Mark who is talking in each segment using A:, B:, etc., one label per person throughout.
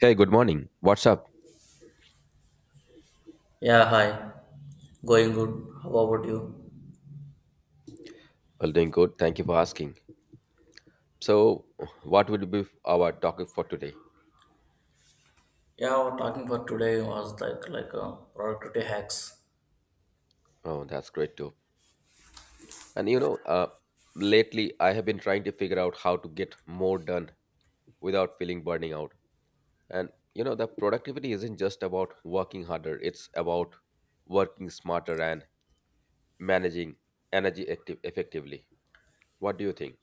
A: Hey, good morning. What's up?
B: Yeah, hi. Going good. How about you?
A: Well, doing good. Thank you for asking. So, what would be our topic for today?
B: Yeah, our talking for today was like productivity hacks.
A: Oh, that's great too. And lately I have been trying to figure out how to get more done without feeling burning out. And the productivity isn't just about working harder, it's about working smarter and managing energy active effectively. What do you think?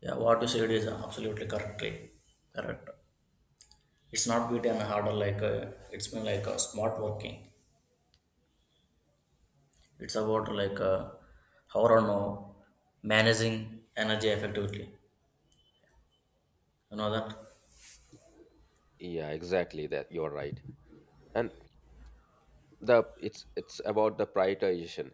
B: Yeah, what you said is absolutely correctly correct. It's not beat and harder it's been smart working. It's about how or no managing energy effectively. You know that?
A: Yeah, exactly that. You're right. And the it's about the prioritization.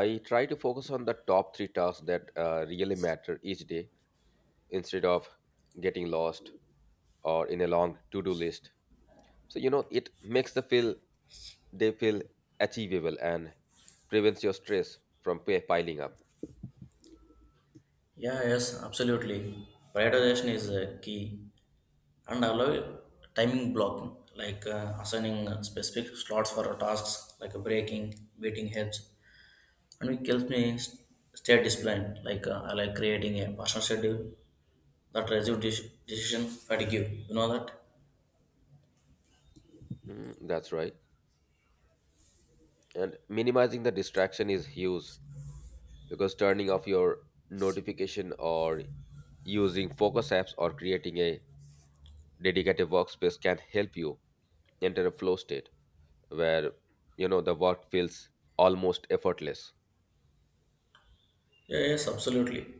A: I try to focus on the top 3 tasks that really matter each day, instead of getting lost or in a long to-do list. So it makes they feel achievable and prevents your stress from piling up.
B: Yeah, yes, absolutely. Prioritization is key. And allow timing blocking assigning specific slots for tasks like breaking beating heads, and it helps me stay disciplined I like creating a personal schedule that reduces decision fatigue, you know that?
A: Mm, that's right. And minimizing the distraction is huge, because turning off your notification or using focus apps or creating a dedicated workspace can help you enter a flow state where the work feels almost effortless.
B: Yeah, yes, absolutely.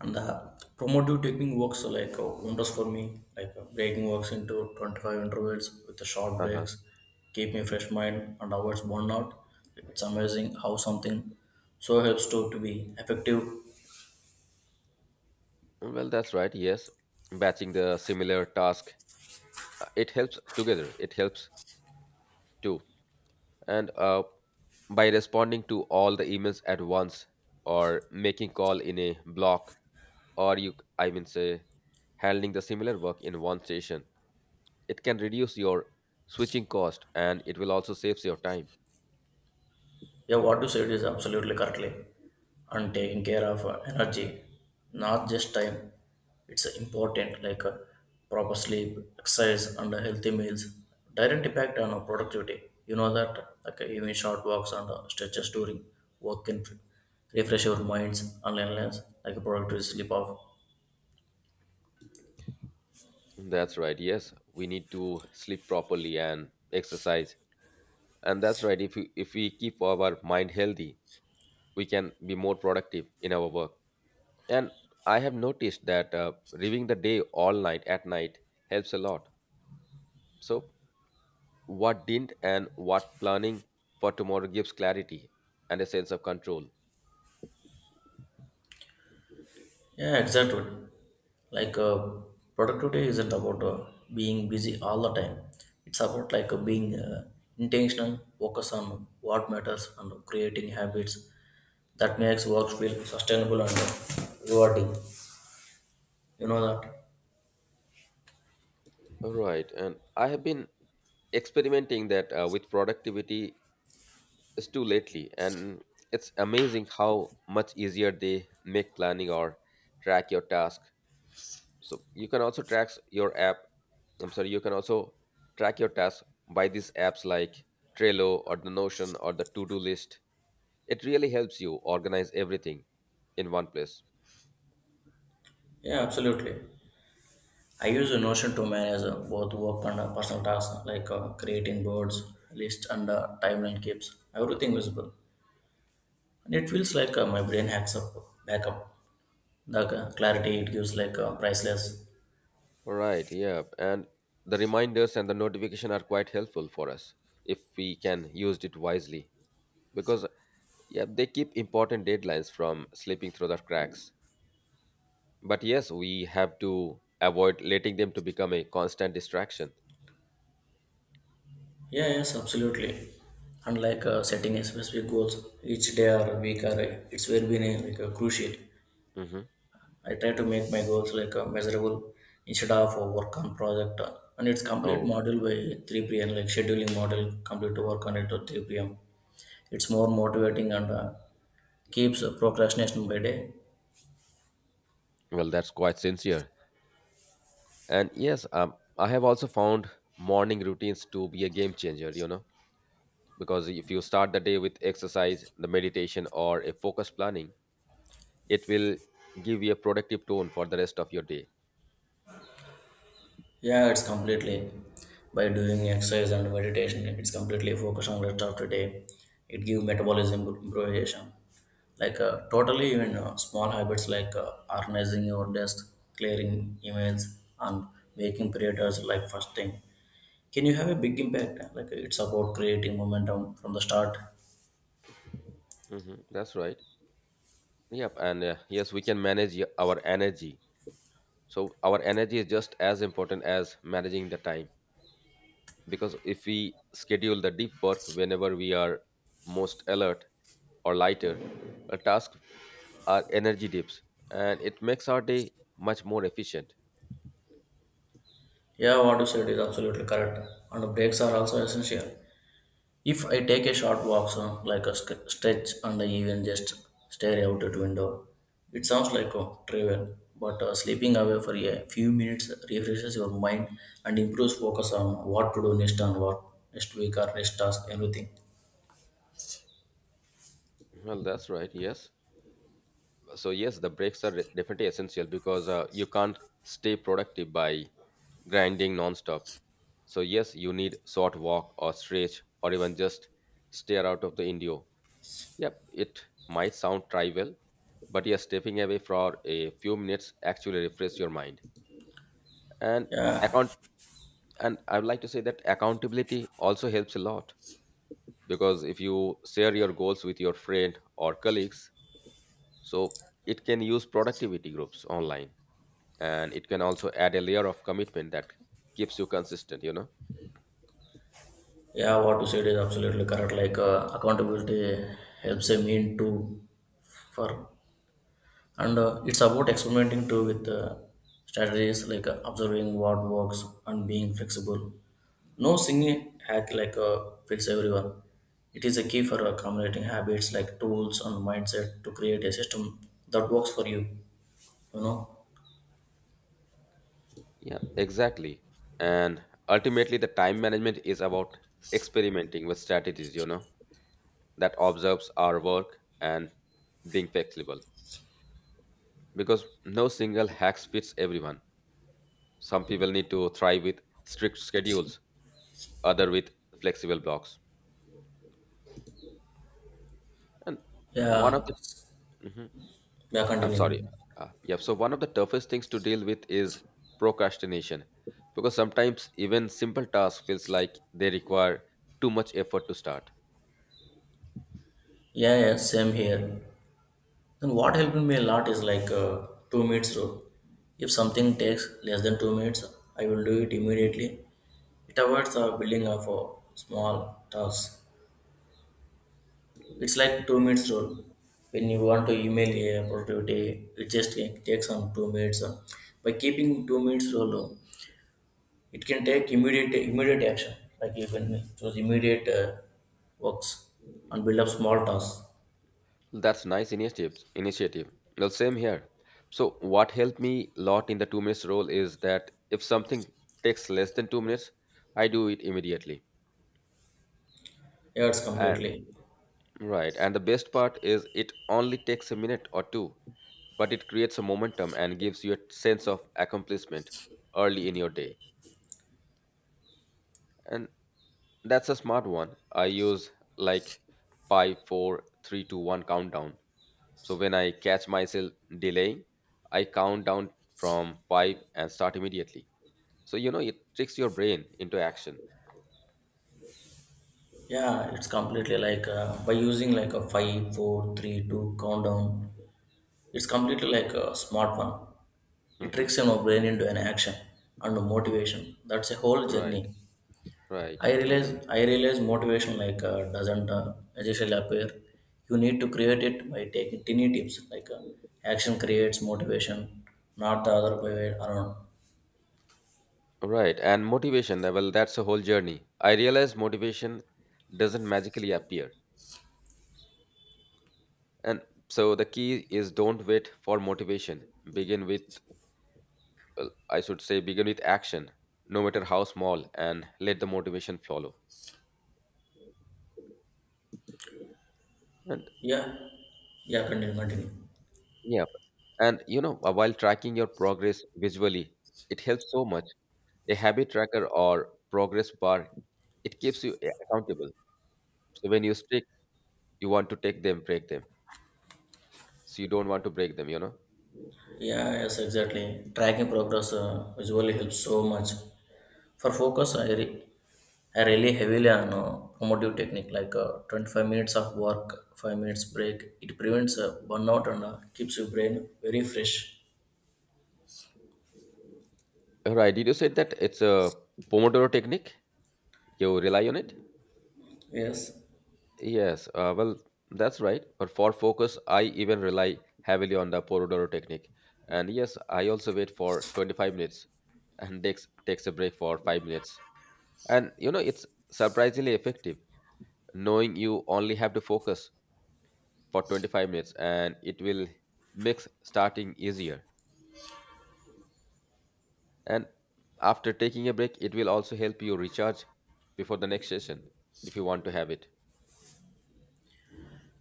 B: And the promotive technique works wonders for me. Breaking works into 25 intervals with the short
A: Uh-huh.
B: breaks, keep me fresh mind and avoids burnout. It's amazing how something so helps to be effective.
A: Well, that's right, yes. Batching the similar task it helps together, it helps too. And by responding to all the emails at once, or making call in a block, or you I mean say, handling the similar work in one session, it can reduce your switching cost and it will also saves your
B: Yeah, what you said is absolutely
A: time.
B: correctly. And taking care of energy, not just time, it's important, proper sleep, exercise, and healthy meals. Direct impact on productivity. You know that, even short walks and stretches during work can refresh your minds and endless like a productive sleep off.
A: That's right, yes. We need to sleep properly and exercise. And that's right, if we keep our mind healthy, we can be more productive in our work. And I have noticed that reviewing the day all night at night helps a lot. So what didn't and what planning for tomorrow gives clarity and a sense of control.
B: Yeah, exactly. Like uh, Productivity isn't about being busy all the time. It's about being intentional, focus on what matters, and creating habits that makes work feel sustainable and rewarding. You know that?
A: All right, and I have been experimenting that with productivity is too lately, and it's amazing how much easier they make planning or track your task. So you can also track your app. I'm sorry, you can also track your tasks by these apps like Trello or the Notion or the to-do list. It really helps you organize everything in one place.
B: Yeah, absolutely. I use a Notion to manage both work and personal tasks, creating boards, lists, and timeline keeps everything visible. And it feels my brain hacks up backup the clarity it gives priceless.
A: Right, yeah. And the reminders and the notification are quite helpful for us if we can use it wisely, because yeah, they keep important deadlines from slipping through the cracks. But yes, we have to avoid letting them to become a constant distraction.
B: Yeah, yes, absolutely. And setting a specific goals each day or week or it's very been crucial.
A: Hmm.
B: I try to make my goals measurable instead of work on project and it's complete
A: Oh,
B: model by 3 p.m., like scheduling model complete to work on it to 3 p.m. It's more motivating and keeps procrastination by day.
A: well, that's quite sincere. And yes, I have also found morning routines to be a game changer, because if you start the day with exercise, the meditation, or a focused planning, it will give you a productive tone for the rest of your day.
B: Yeah, it's completely by doing exercise and meditation. It's completely focused on rest after day. It give metabolism improvisation. Totally, even small habits organizing your desk, clearing emails, and making priorities like first thing, can you have a big impact. Like it's about creating momentum from the start.
A: Hmm. That's right. Yep. And yes, we can manage our energy. So, our energy is just as important as managing the time, because if we schedule the deep work whenever we are most alert, or lighter, a task our energy dips, and it makes our day much more efficient.
B: Yeah, what you said is absolutely correct. And breaks are also essential. If I take a short walk, so like a stretch, and I even just stare out at window, it sounds like a trivial, but sleeping away for a few minutes refreshes your mind and improves focus on what to do next, and what next week or next task, everything.
A: Well, that's right. Yes. So, yes, the breaks are definitely essential, because you can't stay productive by grinding nonstop. So, yes, you need short walk or stretch or even just stare out of the window. Yep, it might sound trivial, but yes, stepping away for a few minutes actually refresh your mind. and
B: Yeah,
A: account and I would like to say that accountability also helps a lot, because if you share your goals with your friend or colleagues, so it can use productivity groups online, and it can also add a layer of commitment that keeps you consistent, you know.
B: yeah, what you said is absolutely correct. Accountability helps a mean to for and it's about experimenting too with strategies observing what works and being flexible. No single hack fits everyone. It is a key for accumulating habits like tools and mindset to create a system that works for you. You know?
A: Yeah, exactly. And ultimately the time management is about experimenting with strategies, that observes our work and being flexible, because no single hacks fits everyone. Some people need to thrive with strict schedules, other with flexible blocks. And one of
B: Yeah.
A: the. Mhm.
B: Yeah,
A: I'm sorry.
B: continue.
A: Yeah, so one of the toughest things to deal with is procrastination, because sometimes even simple tasks feels like they require too much effort to start.
B: Yeah. Yeah, same here. Then what helped me a lot is 2 minutes rule. If something takes less than 2 minutes, I will do it immediately. It avoids the building of small tasks. It's like 2 minutes rule. When you want to email a productivity, it just takes on 2 minutes. By keeping 2 minutes rule, it can take immediate action. Like you can choose immediate works and build up small tasks.
A: That's nice initiative. Well, same here. So what helped me a lot in the 2 minutes rule is that if something takes less than 2 minutes, I do it immediately.
B: Yeah, it's
A: And
B: completely.
A: right, and the best part is it only takes a minute or two, but it creates a momentum and gives you a sense of accomplishment early in your day. And that's a smart one. I use like 5, 4, 3, 2, 1 countdown. So when I catch myself delaying, I count down from 5 and start immediately. So it tricks your brain into action.
B: Yeah, it's completely by using like a five, four, three, two countdown. It's completely like a smart one. It
A: Mhm.
B: tricks your brain into an action and motivation. That's a whole
A: Right,
B: journey.
A: right.
B: I realize
A: Hmm.
B: I realize motivation doesn't magically appear. You need to create it by taking tiny tips, action creates motivation, not the other way around.
A: Right, and motivation, well, that's a whole journey. I realize motivation doesn't magically appear. And so the key is don't wait for motivation. Begin with, well, I should say, begin with action, no matter how small, and let the motivation follow. And
B: Yeah, yeah. Continue.
A: yeah, and while tracking your progress visually, it helps so much. A habit tracker or progress bar, it keeps you accountable. So when you stick, you want to take them, break them. So you don't want to break them, you know?
B: Yeah, yes, exactly. Tracking progress visually helps so much. For focus, I rely heavily on promotive technique 25 minutes of work, 5 minutes break. It prevents burnout and keeps your brain very fresh.
A: Right. Did you say that it's a Pomodoro technique? You rely on it?
B: Yes.
A: Yes. Well, that's right. But for focus, I even rely heavily on the Pomodoro technique. And yes, I also wait for 25 minutes and takes a break for 5 minutes. And it's surprisingly effective, knowing you only have to focus for 25 minutes and it will make starting easier. And after taking a break, it will also help you recharge before the next session if you want to have it.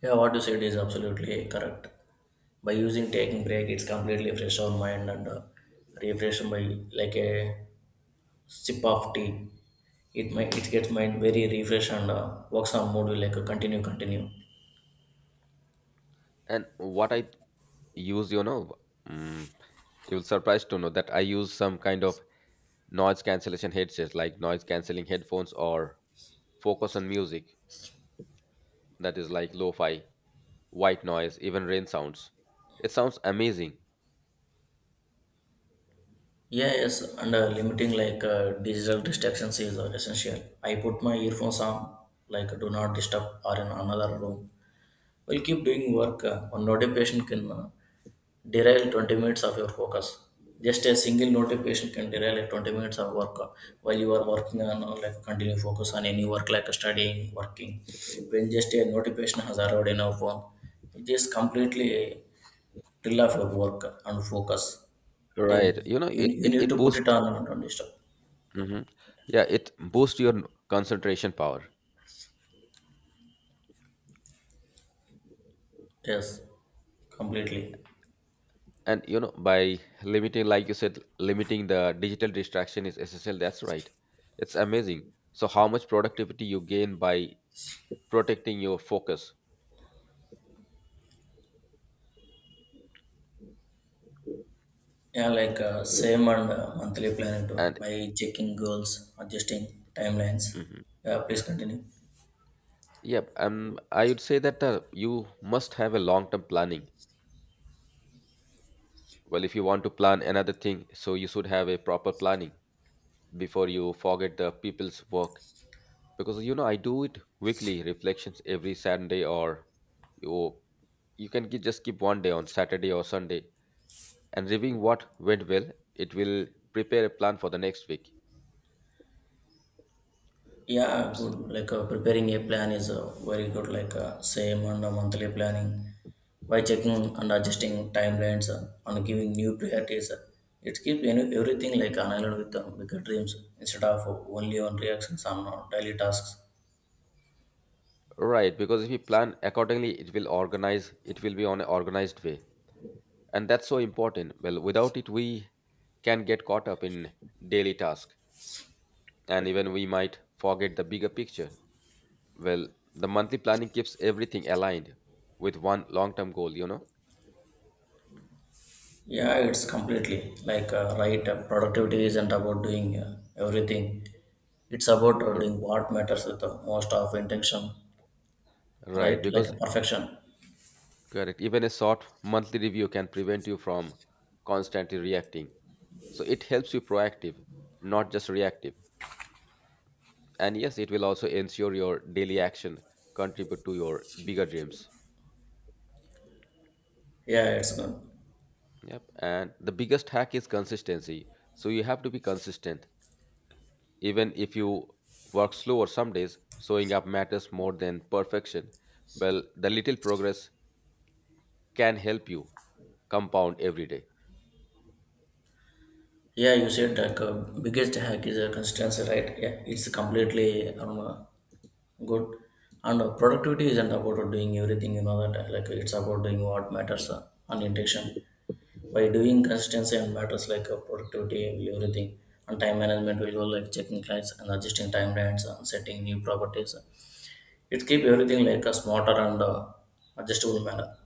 B: Yeah, what you said is absolutely correct. By using taking break, it's completely fresh our mind and refresh by like a sip of tea. It might
A: Hmm.
B: it gets mind very refresh and works on mood will, continue.
A: And what I use, mm, you'll surprised to know that I use some kind of noise cancellation headsets, like noise cancelling headphones or focus on music that is like lo-fi, white noise, even rain sounds. It sounds amazing,
B: Yeah, yes, and limiting digital distractions is essential. I put my earphones on like do not disturb or in another room. We'll keep doing work. One notification can derail 20 minutes of your focus. Just a single notification can derail like 20 minutes of work while you are working on like continue focus on any work like studying, working. When just a notification has arrived in our phone, it just completely drill off your work and focus. Then
A: right? You know,
B: you,
A: it
B: you
A: it
B: need
A: it
B: to put it
A: boosts.
B: on don't disturb.
A: Hmm. Yeah, it boosts your concentration power.
B: Yes, completely.
A: And by limiting, like you said, limiting the digital distraction is essential. That's right. It's amazing. So, how much productivity you gain by protecting your focus
B: Yeah, same and monthly planning too
A: and
B: by checking goals, adjusting timelines.
A: Mhm.
B: Yeah, please continue.
A: yep um I would say that you must have a long term planning. Well, if you want to plan another thing, so you should have a proper planning before you forget the people's work. Because I do it weekly reflections every Saturday, or you can just keep one day on Saturday or Sunday, and reviewing what went well. It will prepare a plan for the next week.
B: Yeah, good. Preparing a plan is very good. Same on the monthly planning by checking and adjusting timelines and giving new priorities. It keeps, you know, everything like aligned with bigger dreams instead of only on reactions on daily tasks.
A: Right, because if you plan accordingly, it will organize, it will be on an organized way. And that's so important. Well, without it we can get caught up in daily tasks, and even we might forget the bigger picture. Well, the monthly planning keeps everything aligned with one long term goal, you know.
B: Yeah, it's completely right. Productivity isn't about doing everything. It's about
A: R-
B: doing what matters with the most of intention, right?
A: right,
B: Like
A: because
B: a perfection.
A: correct, even a short monthly review can prevent you from constantly reacting, so it helps you proactive, not just reactive. And yes, it will also ensure your daily action contribute to your bigger dreams.
B: Yeah, it's good.
A: Yep. And the biggest hack is consistency. So you have to be consistent. Even if you work slower some days, showing up matters more than perfection. Well, the little progress can help you compound every day.
B: Yeah, you said biggest hack is a consistency, right? Yeah, it's completely good. And productivity isn't about doing everything, you know that. Like it's about doing what matters on intention. By doing consistency and matters productivity will everything, and time management will go like checking clients and adjusting timelines and setting new properties. It keep everything like a smarter and adjustable manner.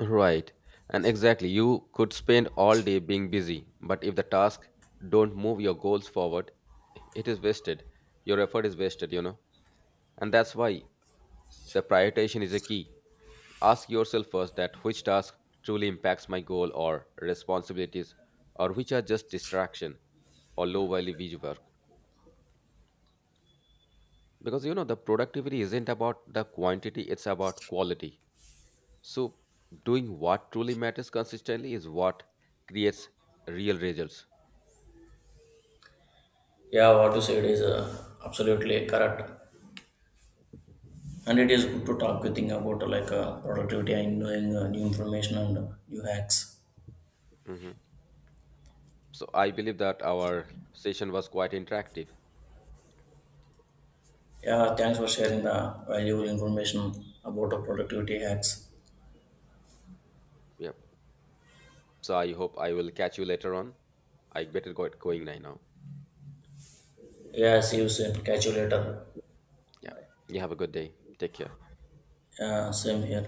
A: Right. And exactly, you could spend all day being busy, but if the task don't move your goals forward, it is wasted. Your effort is wasted, you know. And that's why the prioritization is a key. Ask yourself first that which task truly impacts my goal or responsibilities, or which are just distraction or low value wage work. Because the productivity isn't about the quantity, it's about quality. So doing what truly matters consistently is what creates real results.
B: Yeah, what you said is absolutely correct. And it is good to talk with thing about productivity and knowing new information and new hacks.
A: Mhm. So I believe that our session was quite interactive.
B: Yeah, thanks for sharing the valuable information about the productivity hacks.
A: Yep. So I hope I will catch you later on. I better go going right now.
B: Yeah, see you soon, catch you later.
A: Yeah. You have a good day. Take care.
B: Yeah, same here.